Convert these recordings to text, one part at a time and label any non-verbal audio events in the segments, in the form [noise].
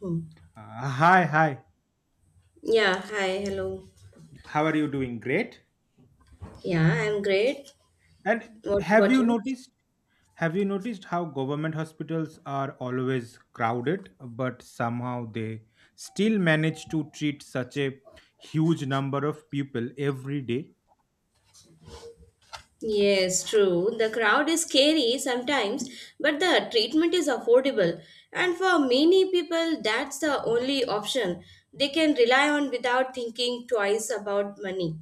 Hmm. Hi. Yeah, hi, hello. How are you doing? Great. Yeah, I'm great. And What have about you you? noticed? Have you noticed how government hospitals are always crowded, but somehow they still manage to treat such a huge number of people every day? Yes, true. The crowd is scary sometimes, but the treatment is affordable. And for many people, that's the only option they can rely on without thinking twice about money.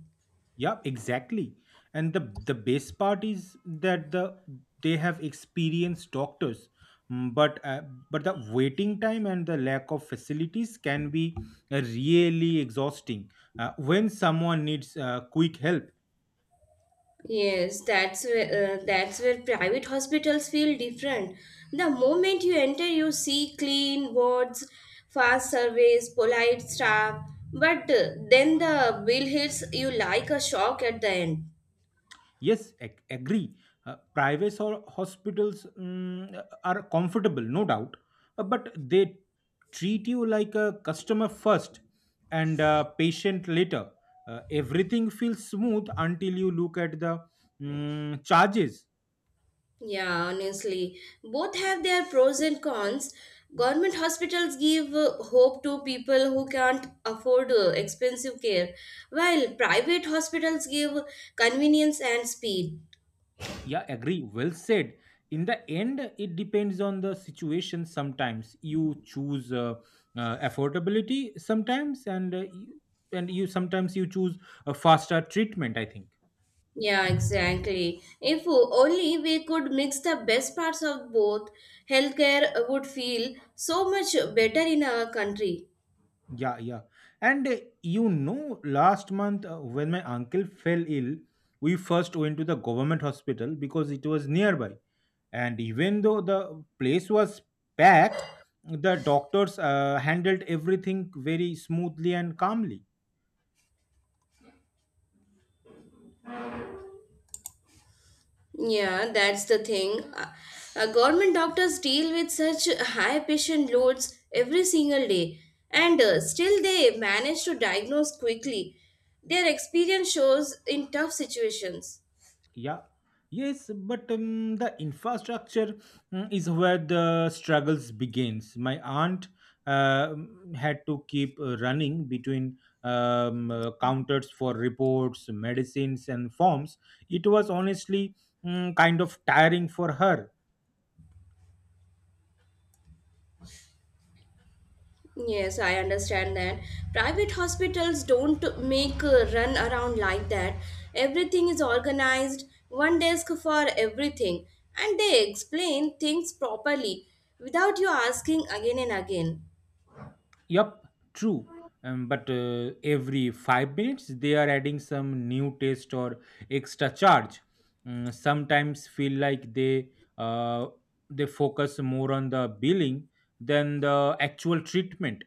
Yep, exactly. And the best part is that they have experienced doctors. Mm, but uh, but the waiting time and the lack of facilities can be really exhausting when someone needs quick help. Yes, that's where private hospitals feel different. The moment you enter, you see clean wards, fast service, polite staff, but then the bill hits you like a shock at the end. Yes, agree. Private or hospitals are comfortable, no doubt, but they treat you like a customer first and a patient later. Everything feels smooth until you look at the charges. Yeah, honestly, both have their pros and cons. Government hospitals give hope to people who can't afford expensive care, while private hospitals give convenience and speed. Yeah, agree. Well said. In the end, it depends on the situation. Sometimes you choose affordability, sometimes, and uh, you- and you sometimes you choose a faster treatment, I think. Yeah, exactly. If only we could mix the best parts of both, healthcare would feel so much better in our country. Yeah, yeah. And you know, last month when my uncle fell ill, we first went to the government hospital because it was nearby. And even though the place was packed, the doctors handled everything very smoothly and calmly. Yeah, that's the thing. Government doctors deal with such high patient loads every single day, and still they manage to diagnose quickly. Their experience shows in tough situations. Yeah. Yes, but the infrastructure is where the struggles begins. My aunt uh, had to keep running between counters for reports, medicines, and forms. It was honestly kind of tiring for her. Yes, I understand that. Private hospitals don't make a run around like that. Everything is organized, one desk for everything, and they explain things properly without you asking again and again. Yup, true. But every 5 minutes, they are adding some new taste or extra charge. Sometimes feel like uh, they focus more on the billing than the actual treatment.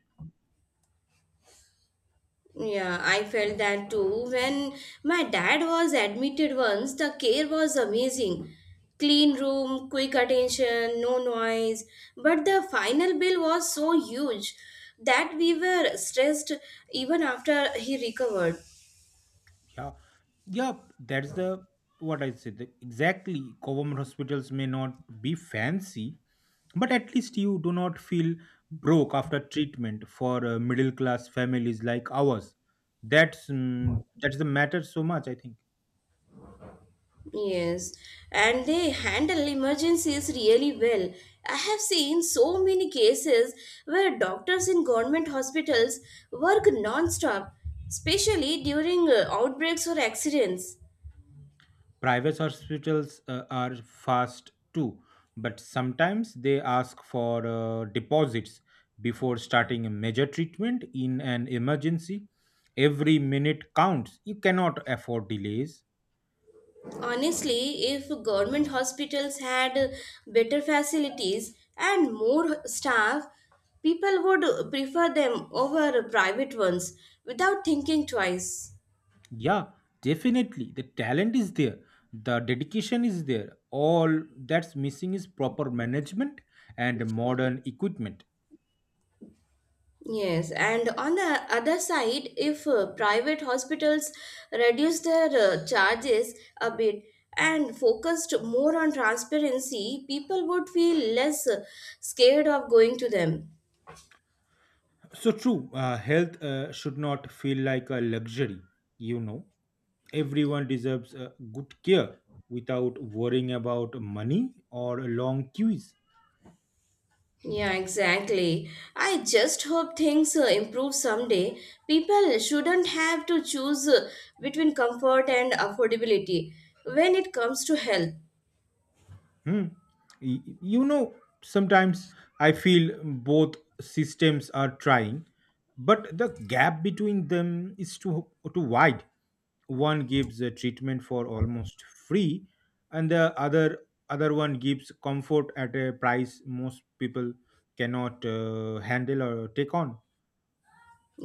Yeah, I felt that too. When my dad was admitted once, the care was amazing. Clean room, quick attention, no noise. But the final bill was so huge that we were stressed even after he recovered. Yeah, yeah, that's the what I said. The- Exactly. Government hospitals may not be fancy, but at least you do not feel broke after treatment for middle class families like ours. That's the matter so much, I think. Yes, and they handle emergencies really well. I have seen so many cases where doctors in government hospitals work non-stop, especially during outbreaks or accidents. Private hospitals are fast too, but sometimes they ask for deposits before starting a major treatment in an emergency. Every minute counts. You cannot afford delays. Honestly, if government hospitals had better facilities and more staff, people would prefer them over private ones without thinking twice. Yeah, definitely. The talent is there, the dedication is there. All that's missing is proper management and modern equipment. Yes, and on the other side, if private hospitals reduce their charges a bit and focused more on transparency, people would feel less scared of going to them. So true, health should not feel like a luxury, you know. Everyone deserves good care without worrying about money or long queues. Yeah, exactly. I just hope things improve someday. People shouldn't have to choose between comfort and affordability when it comes to health. Hmm. You know, sometimes I feel both systems are trying, but the gap between them is too wide. One gives a treatment for almost free, and the other other one gives comfort at a price most people cannot handle or take on.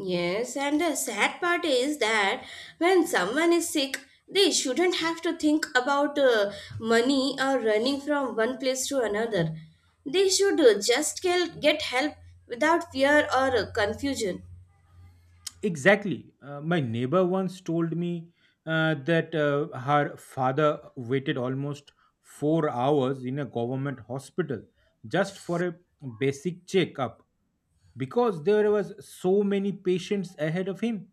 Yes, and the sad part is that when someone is sick, they shouldn't have to think about money or running from one place to another. They should just get help without fear or confusion. Exactly. My neighbor once told me that her father waited almost 4 hours in a government hospital just for a basic checkup because there was so many patients ahead of him.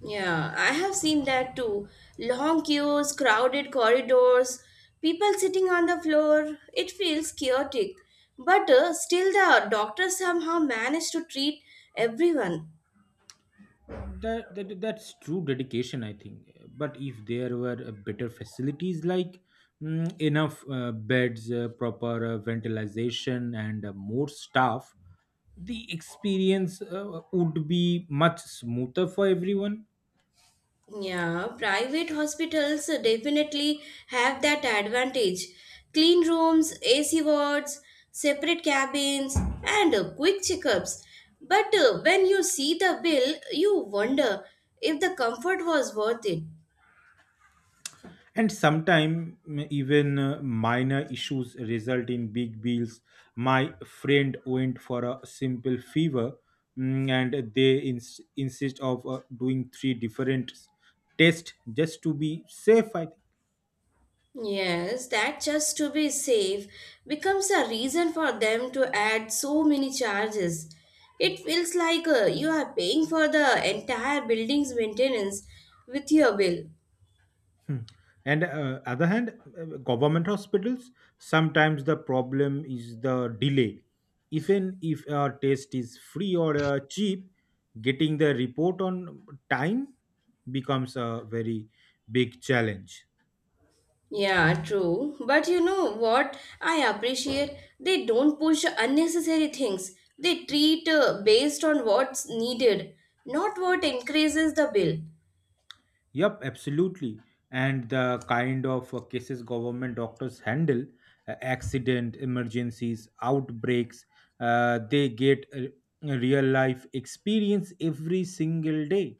Yeah, I have seen that too. Long queues, crowded corridors, people sitting on the floor. It feels chaotic. But still, the doctors somehow manage to treat everyone. That's true dedication, I think. But if there were better facilities like enough beds, proper ventilation, and more staff, the experience would be much smoother for everyone. Yeah, private hospitals definitely have that advantage. Clean rooms, AC wards, separate cabins, and quick checkups. But when you see the bill, you wonder if the comfort was worth it. And sometimes even minor issues result in big bills. My friend went for a simple fever, and they insist of doing three different tests just to be safe, I think. Yes, that just to be safe becomes a reason for them to add so many charges. It feels like you are paying for the entire building's maintenance with your bill. Hmm. And other hand, government hospitals, sometimes the problem is the delay. Even if a test is free or cheap, getting the report on time becomes a very big challenge. Yeah, true. But you know what? I appreciate they don't push unnecessary things. They treat based on what's needed, not what increases the bill. Yep, absolutely. And the kind of cases government doctors handle, accident, emergencies, outbreaks, they get real life experience every single day.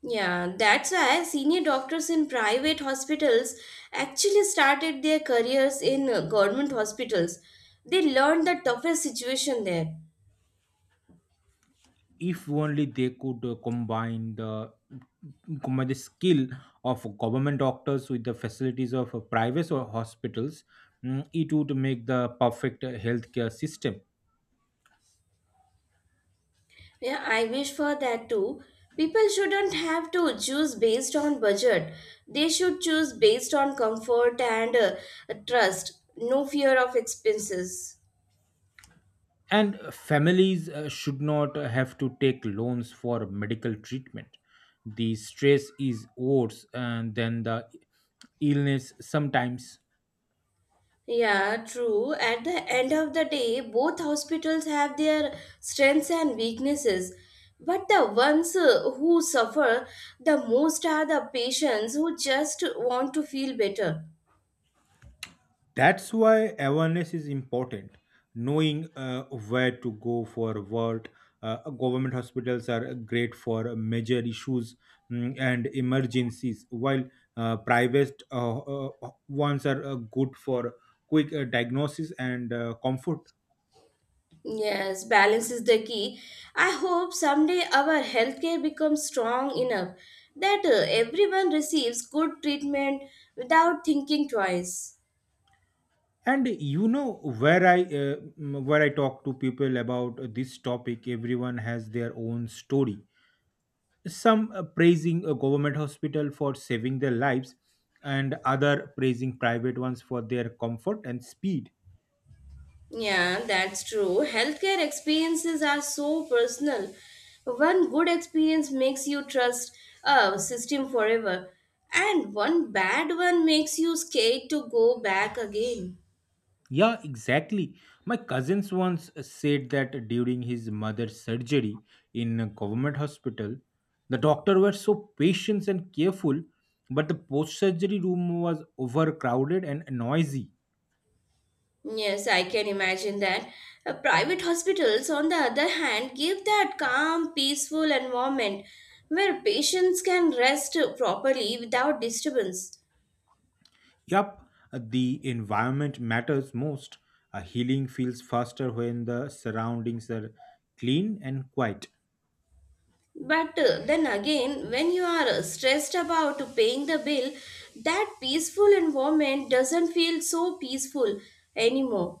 Yeah, that's why senior doctors in private hospitals actually started their careers in government hospitals. They learned the toughest situation there. If only they could combine the skill of government doctors with the facilities of private or hospitals, it would make the perfect healthcare system. Yeah, I wish for that too. People shouldn't have to choose based on budget. They should choose based on comfort and trust. No fear of expenses. And families should not have to take loans for medical treatment. The stress is worse and than the illness sometimes. Yeah, true. At the end of the day, both hospitals have their strengths and weaknesses. But the ones who suffer the most are the patients who just want to feel better. That's why awareness is important. Knowing where to go for what. Government hospitals are great for major issues, and emergencies, while private ones are good for quick diagnosis and comfort. Yes, balance is the key. I hope someday our healthcare becomes strong enough that everyone receives good treatment without thinking twice. And you know, where I where I talk to people about this topic, everyone has their own story, some praising a government hospital for saving their lives and other praising private ones for their comfort and speed. Yeah, that's true. Healthcare experiences are so personal. One good experience makes you trust a system forever, and one bad one makes you scared to go back again. Yeah, exactly. My cousins once said that during his mother's surgery in a government hospital, the doctor were so patient and careful, but the post surgery room was overcrowded and noisy. Yes, I can imagine that. Private hospitals, on the other hand, give that calm, peaceful environment where patients can rest properly without disturbance. Yup, the environment matters most. A healing feels faster when the surroundings are clean and quiet. But then again, when you are stressed about paying the bill, that peaceful environment doesn't feel so peaceful anymore.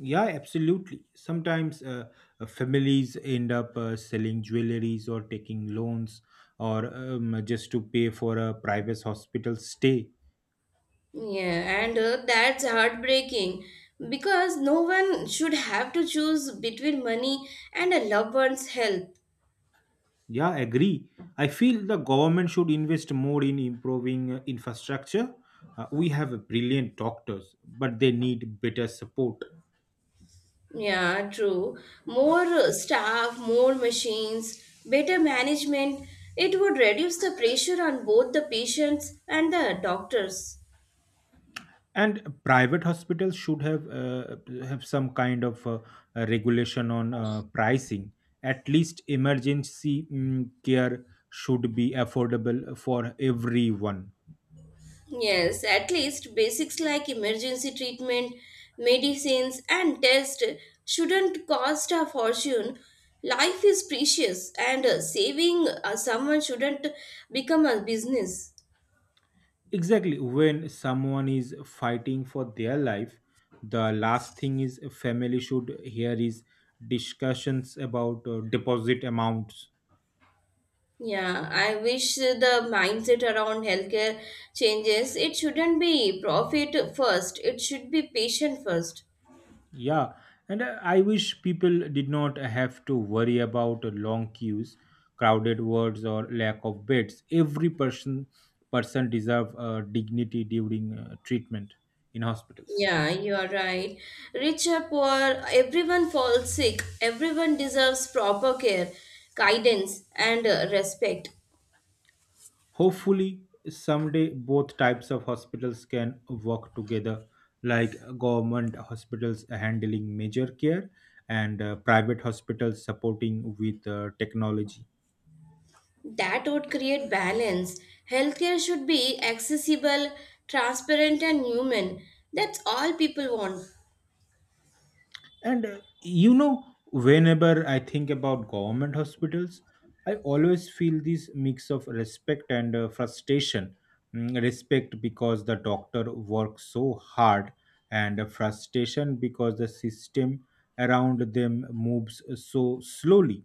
Yeah, absolutely. Sometimes families end up selling jewelries or taking loans or just to pay for a private hospital stay. Yeah, and that's heartbreaking because no one should have to choose between money and a loved one's health. Yeah, agree. I feel the government should invest more in improving infrastructure. We have brilliant doctors, but they need better support. Yeah, true. More staff, more machines, better management. It would reduce the pressure on both the patients and the doctors. And private hospitals should have some kind of regulation on pricing. At least emergency care should be affordable for everyone. Yes, at least basics like emergency treatment, medicines, and tests shouldn't cost a fortune. Life is precious, and saving someone shouldn't become a business. Exactly, when someone is fighting for their life, the last thing is family should hear is discussions about deposit amounts. Yeah, I wish the mindset around healthcare changes. It shouldn't be profit first, it should be patient first. Yeah, and I wish people did not have to worry about long queues, crowded wards, or lack of beds. Every person deserve dignity during treatment in hospitals. Yeah, you are right. Rich or poor, everyone falls sick. Everyone deserves proper care, guidance, and respect. Hopefully, someday both types of hospitals can work together, like government hospitals handling major care and private hospitals supporting with technology. That would create balance. Healthcare should be accessible, transparent, and human. That's all people want. And you know, whenever I think about government hospitals, I always feel this mix of respect and frustration. Respect because the doctor works so hard, and frustration because the system around them moves so slowly.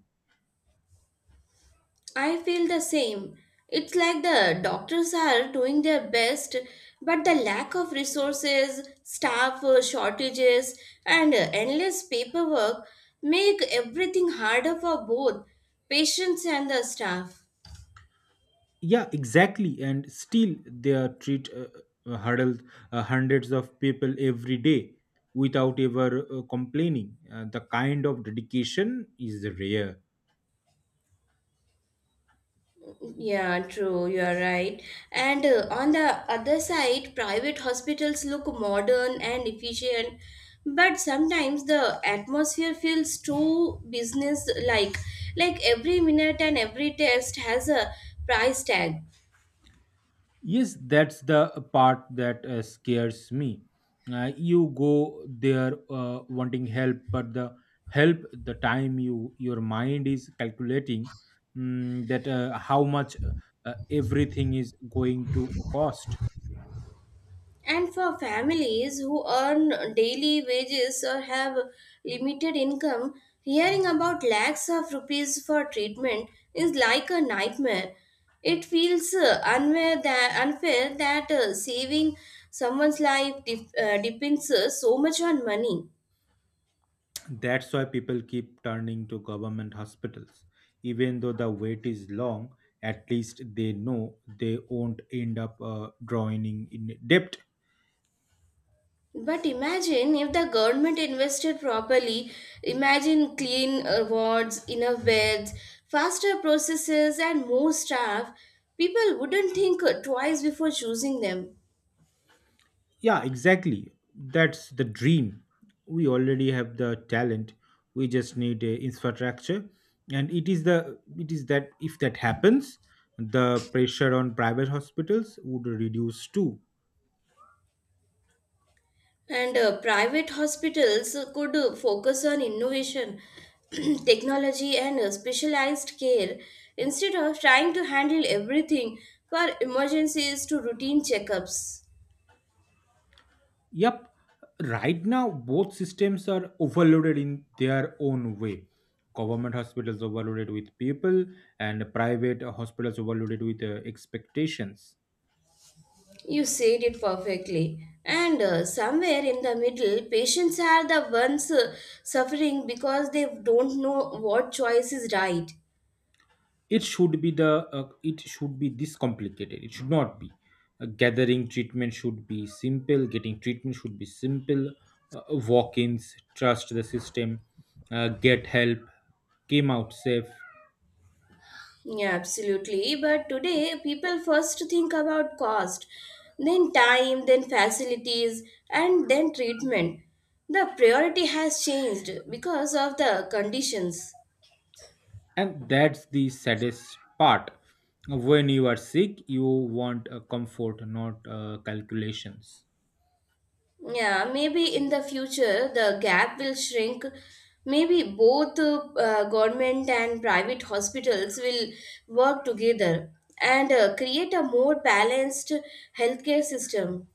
I feel the same. It's like the doctors are doing their best, but the lack of resources, staff shortages, and endless paperwork make everything harder for both patients and the staff. Yeah, exactly. And still, they are treat hurdles hundreds of people every day without ever complaining. The kind of dedication is rare. Yeah, true, you are right. And on the other side, private hospitals look modern and efficient, but sometimes the atmosphere feels too business like. Like every minute and every test has a price tag. Yes, that's the part that scares me. You go there wanting help, but the time you your mind is calculating that how much everything is going to cost. And for families who earn daily wages or have limited income, hearing about lakhs of rupees for treatment is like a nightmare. It feels unfair that saving someone's life depends so much on money. That's why people keep turning to government hospitals, even though the wait is long. At least they know they won't end up drawing in debt. But imagine if the government invested properly, imagine clean wards, enough beds, faster processes, and more staff, people wouldn't think twice before choosing them. Yeah, exactly. That's the dream. We already have the talent. We just need a infrastructure, and it is the it is that if that happens, the pressure on private hospitals would reduce too. And private hospitals could focus on innovation, [clears throat] technology, and specialized care instead of trying to handle everything from emergencies to routine checkups. Yep. Right now, both systems are overloaded in their own way. Government hospitals overloaded with people, and private hospitals overloaded with expectations. You said it perfectly. And somewhere in the middle, patients are the ones suffering because they don't know what choice is right. It should be the it should be this complicated, it should not be. Gathering treatment should be simple getting treatment should be simple, walk-ins, trust the system, get help, came out safe. Yeah, absolutely. But today, people first think about cost, then time, then facilities, and then treatment. The priority has changed because of the conditions. And that's the saddest part, when you are sick you want comfort, not calculations. Yeah, maybe in the future the gap will shrink. Maybe both government and private hospitals will work together and create a more balanced healthcare system.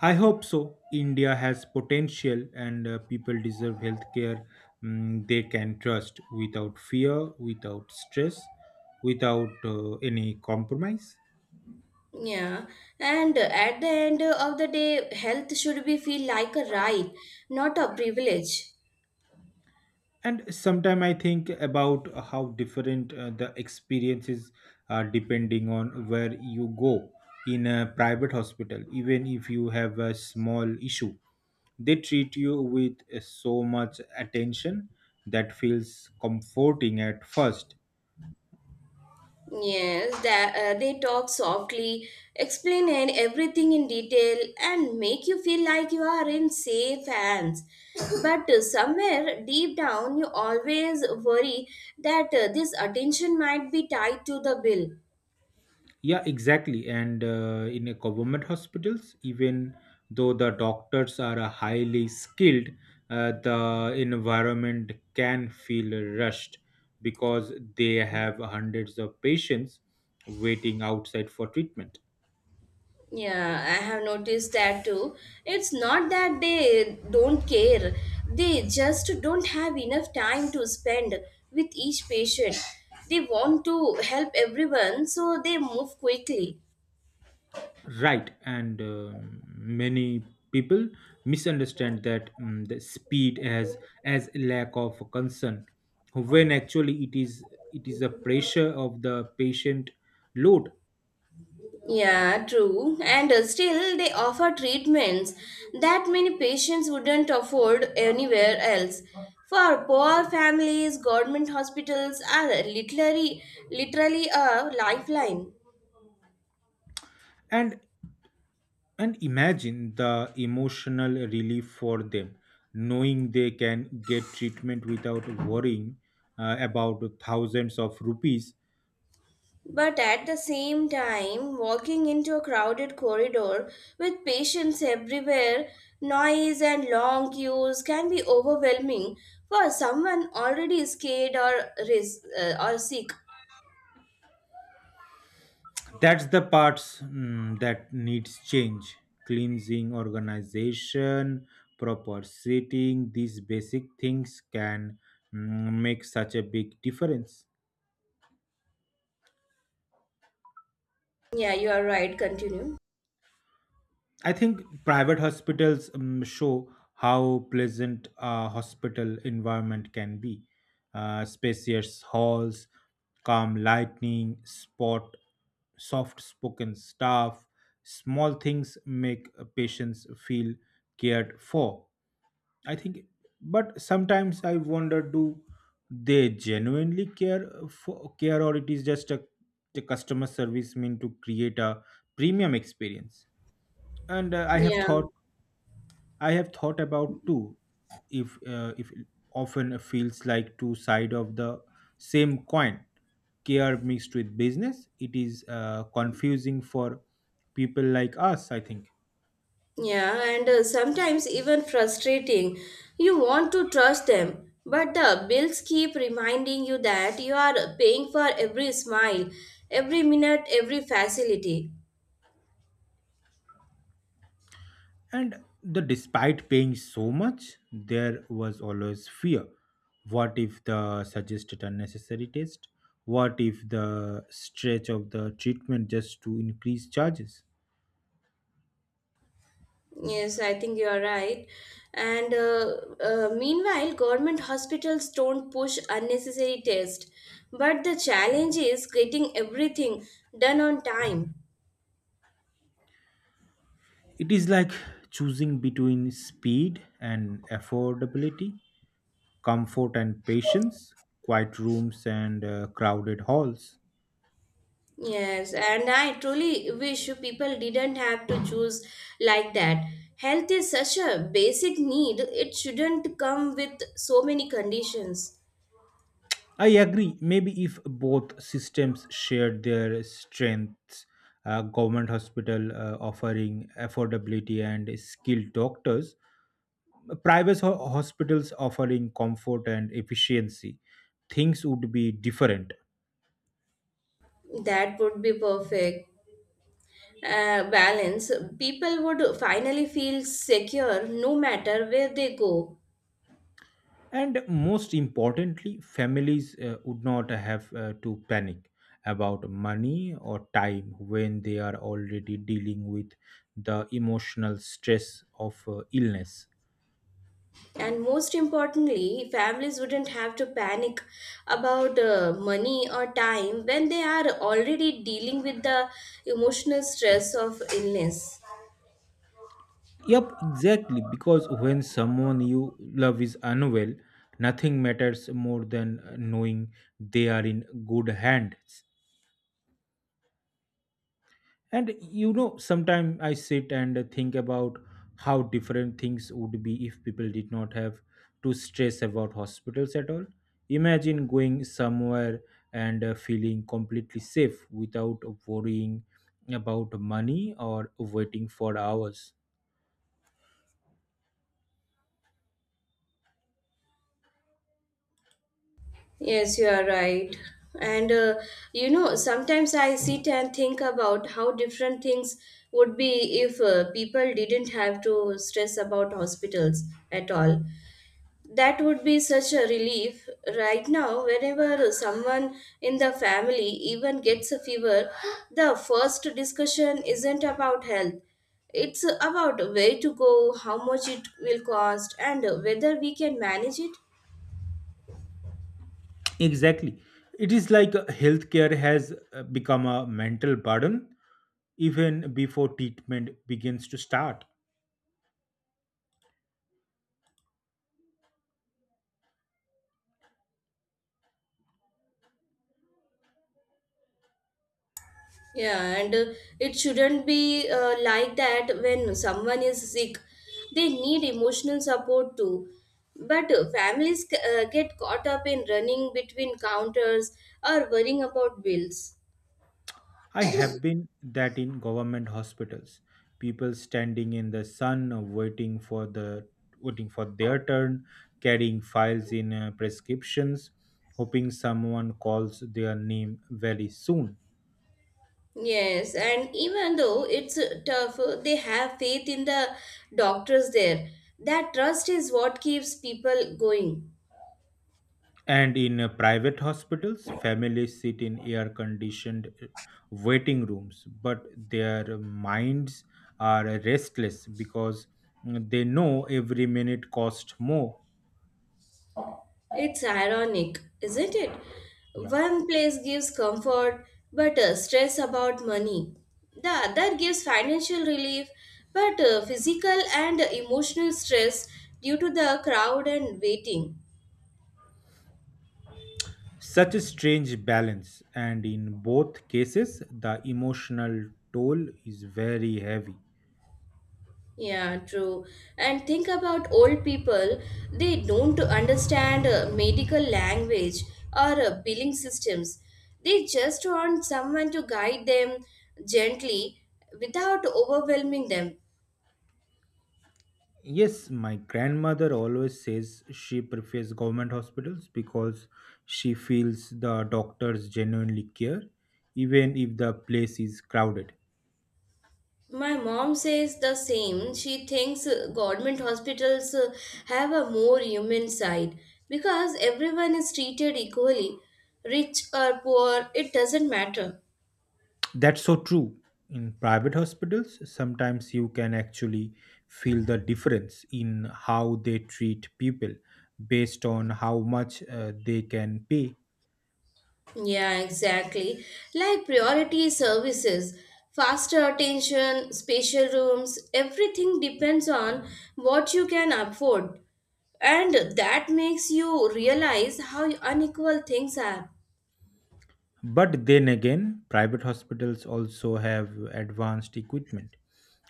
I hope so. India has potential, and people deserve healthcare they can trust without fear, without stress, without any compromise. Yeah, and at the end of the day, health should be feel like a right, not a privilege. And sometimes I think about how different the experiences are depending on where you go. In a private hospital, even if you have a small issue, they treat you with so much attention that feels comforting at first. Yes, that, they talk softly, explain and everything in detail, and make you feel like you are in safe hands. But somewhere deep down, you always worry that this attention might be tied to the bill. Yeah, exactly. And in a government hospitals, even though the doctors are highly skilled, the environment can feel rushed because they have hundreds of patients waiting outside for treatment. Yeah, I have noticed that too. It's not that they don't care, they just don't have enough time to spend with each patient. They want to help everyone, so they move quickly. Right, and many people misunderstand that the speed as lack of concern, when actually it is a pressure of the patient load. Yeah, true. And still, they offer treatments that many patients wouldn't afford anywhere else. For poor families, government hospitals are literally a lifeline. and And imagine the emotional relief for them, knowing they can get treatment without worrying about thousands of rupees. But at the same time, walking into a crowded corridor with patients everywhere, noise and long queues can be overwhelming for someone already scared or, or sick. That's the parts that needs change: cleansing, organization, proper seating. These basic things can make such a big difference. Yeah, you are right. Continue. I think private hospitals show how pleasant a hospital environment can be. Spacious halls, calm lightning, spot soft spoken staff, small things make patients feel cared for, I think. But sometimes I wonder, do they genuinely care for care, or it is just a the customer service mean to create a premium experience, and Yeah, I have thought about too. If if often feels like two side of the same coin, care mixed with business. It is confusing for people like us, I think. yeah, and sometimes even frustrating. You want to trust them, but the bills keep reminding you that you are paying for every smile, every minute, every facility. And the despite paying so much, there was always fear: what if the suggested unnecessary test, what if the stretch of the treatment just to increase charges. Yes, I think you are right. And meanwhile, government hospitals don't push unnecessary tests, but the challenge is getting everything done on time. It is like choosing between speed and affordability, comfort and patience, quiet rooms and crowded halls. Yes, and I truly wish people didn't have to choose like that. Health is such a basic need, it shouldn't come with so many conditions. I agree. Maybe if both systems shared their strengths, government hospital offering affordability and skilled doctors, hospitals offering comfort and efficiency, things would be different. That would be perfect. Balance. People would finally feel secure no matter where they go. And most importantly, families would not have to panic about money or time when they are already dealing with the emotional stress of illness. And most importantly, families wouldn't have to panic about money or time when they are already dealing with the emotional stress of illness. Yep, exactly. Because when someone you love is unwell, nothing matters more than knowing they are in good hands. And you know, sometimes I sit and think about how different things would be if people did not have to stress about hospitals at all. Imagine going somewhere and feeling completely safe without worrying about money or waiting for hours. Yes, you are right. And you know, sometimes I sit and think about how different things would be if people didn't have to stress about hospitals at all. That would be such a relief. Right now, whenever someone in the family even gets a fever, the first discussion isn't about health. It's about where to go, how much it will cost, and whether we can manage it. Exactly. It is like healthcare has become a mental burden even before treatment begins to start. Yeah, and it shouldn't be like that when someone is sick. They need emotional support too. But families get caught up in running between counters or worrying about bills. I have been that in government hospitals, people standing in the sun waiting for their turn, carrying files in prescriptions, hoping someone calls their name very soon. Yes, and even though it's tough, they have faith in the doctors there. That trust is what keeps people going. And in private hospitals, families sit in air conditioned waiting rooms, but their minds are restless because they know every minute costs more. It's ironic, isn't it? Yeah. One place gives comfort but stress about money. The other gives financial relief but physical and emotional stress due to the crowd and waiting. Such a strange balance, and in both cases, the emotional toll is very heavy. Yeah, true. And think about old people, they don't understand medical language or billing systems. They just want someone to guide them gently without overwhelming them. Yes, my grandmother always says she prefers government hospitals because she feels the doctors genuinely care, even if the place is crowded. My mom says the same. She thinks government hospitals have a more human side because everyone is treated equally. Rich or poor, it doesn't matter. That's so true. In private hospitals, sometimes you can actually feel the difference in how they treat people based on how much they can pay. Yeah, exactly. Like priority services, faster attention, special rooms, everything depends on what you can afford. And that makes you realize how unequal things are. But then again, private hospitals also have advanced equipment,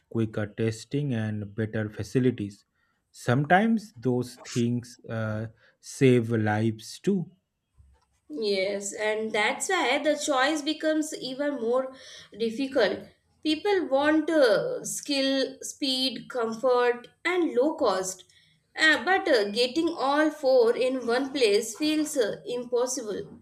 quicker testing, and better facilities. Sometimes those things save lives too. Yes, and that's why the choice becomes even more difficult. People want skill, speed, comfort, and low cost, but getting all four in one place feels impossible.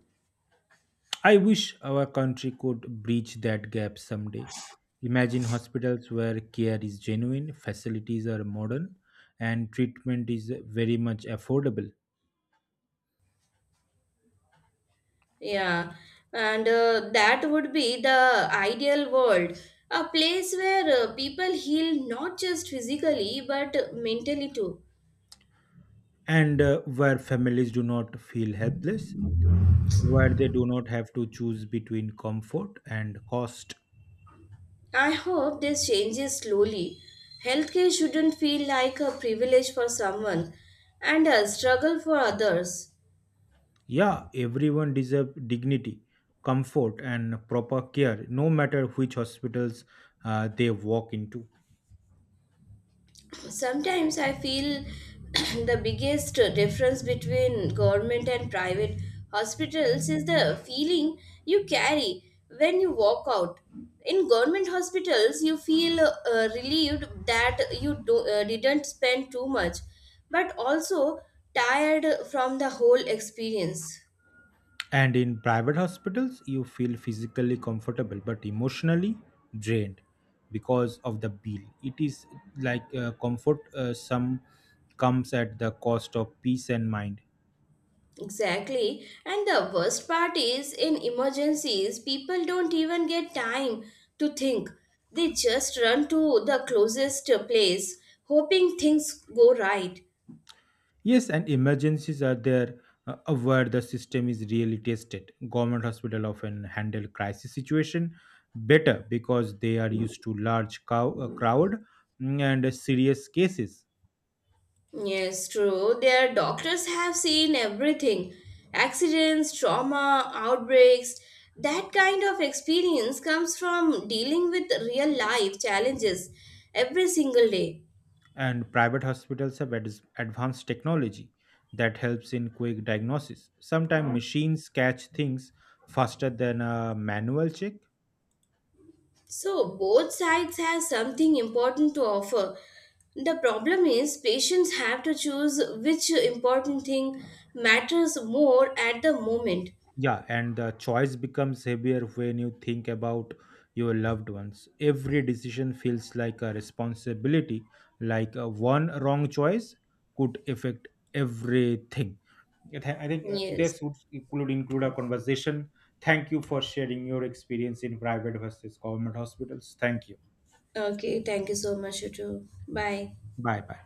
I wish our country could bridge that gap someday. Imagine hospitals where care is genuine, facilities are modern, and treatment is very much affordable, Yeah, and that would be the ideal world a place where people heal not just physically but mentally too. and where families do not feel helpless, where they do not have to choose between comfort and cost. I hope this changes slowly. Healthcare shouldn't feel like a privilege for someone and a struggle for others. Yeah, everyone deserves dignity, comfort, and proper care, no matter which hospitals they walk into. Sometimes I feel [clears throat] the biggest difference between government and private hospitals is the feeling you carry when you walk out. In government hospitals, you feel relieved that you didn't spend too much, but also tired from the whole experience. And in private hospitals, you feel physically comfortable but emotionally drained because of the bill. It is like comfort, some comes at the cost of peace and mind. Exactly. And the worst part is in emergencies, people don't even get time to think. They just run to the closest place, hoping things go right. Yes, and emergencies are there where the system is really tested. Government hospital often handle crisis situation better because they are used to crowd, and serious cases. Yes, true. Their doctors have seen everything accidents, trauma, outbreaks. That kind of experience comes from dealing with real life challenges every single day. And private hospitals have advanced technology that helps in quick diagnosis. Sometimes machines catch things faster than a manual check. So both sides have something important to offer. The problem is patients have to choose which important thing matters more at the moment. Yeah, and the choice becomes heavier when you think about your loved ones. Every decision feels like a responsibility, like one wrong choice could affect everything. I think Yes. this would include a conversation. Thank you for sharing your experience in private versus government hospitals. Thank you. Okay, thank you so much, you too. Bye. Bye bye.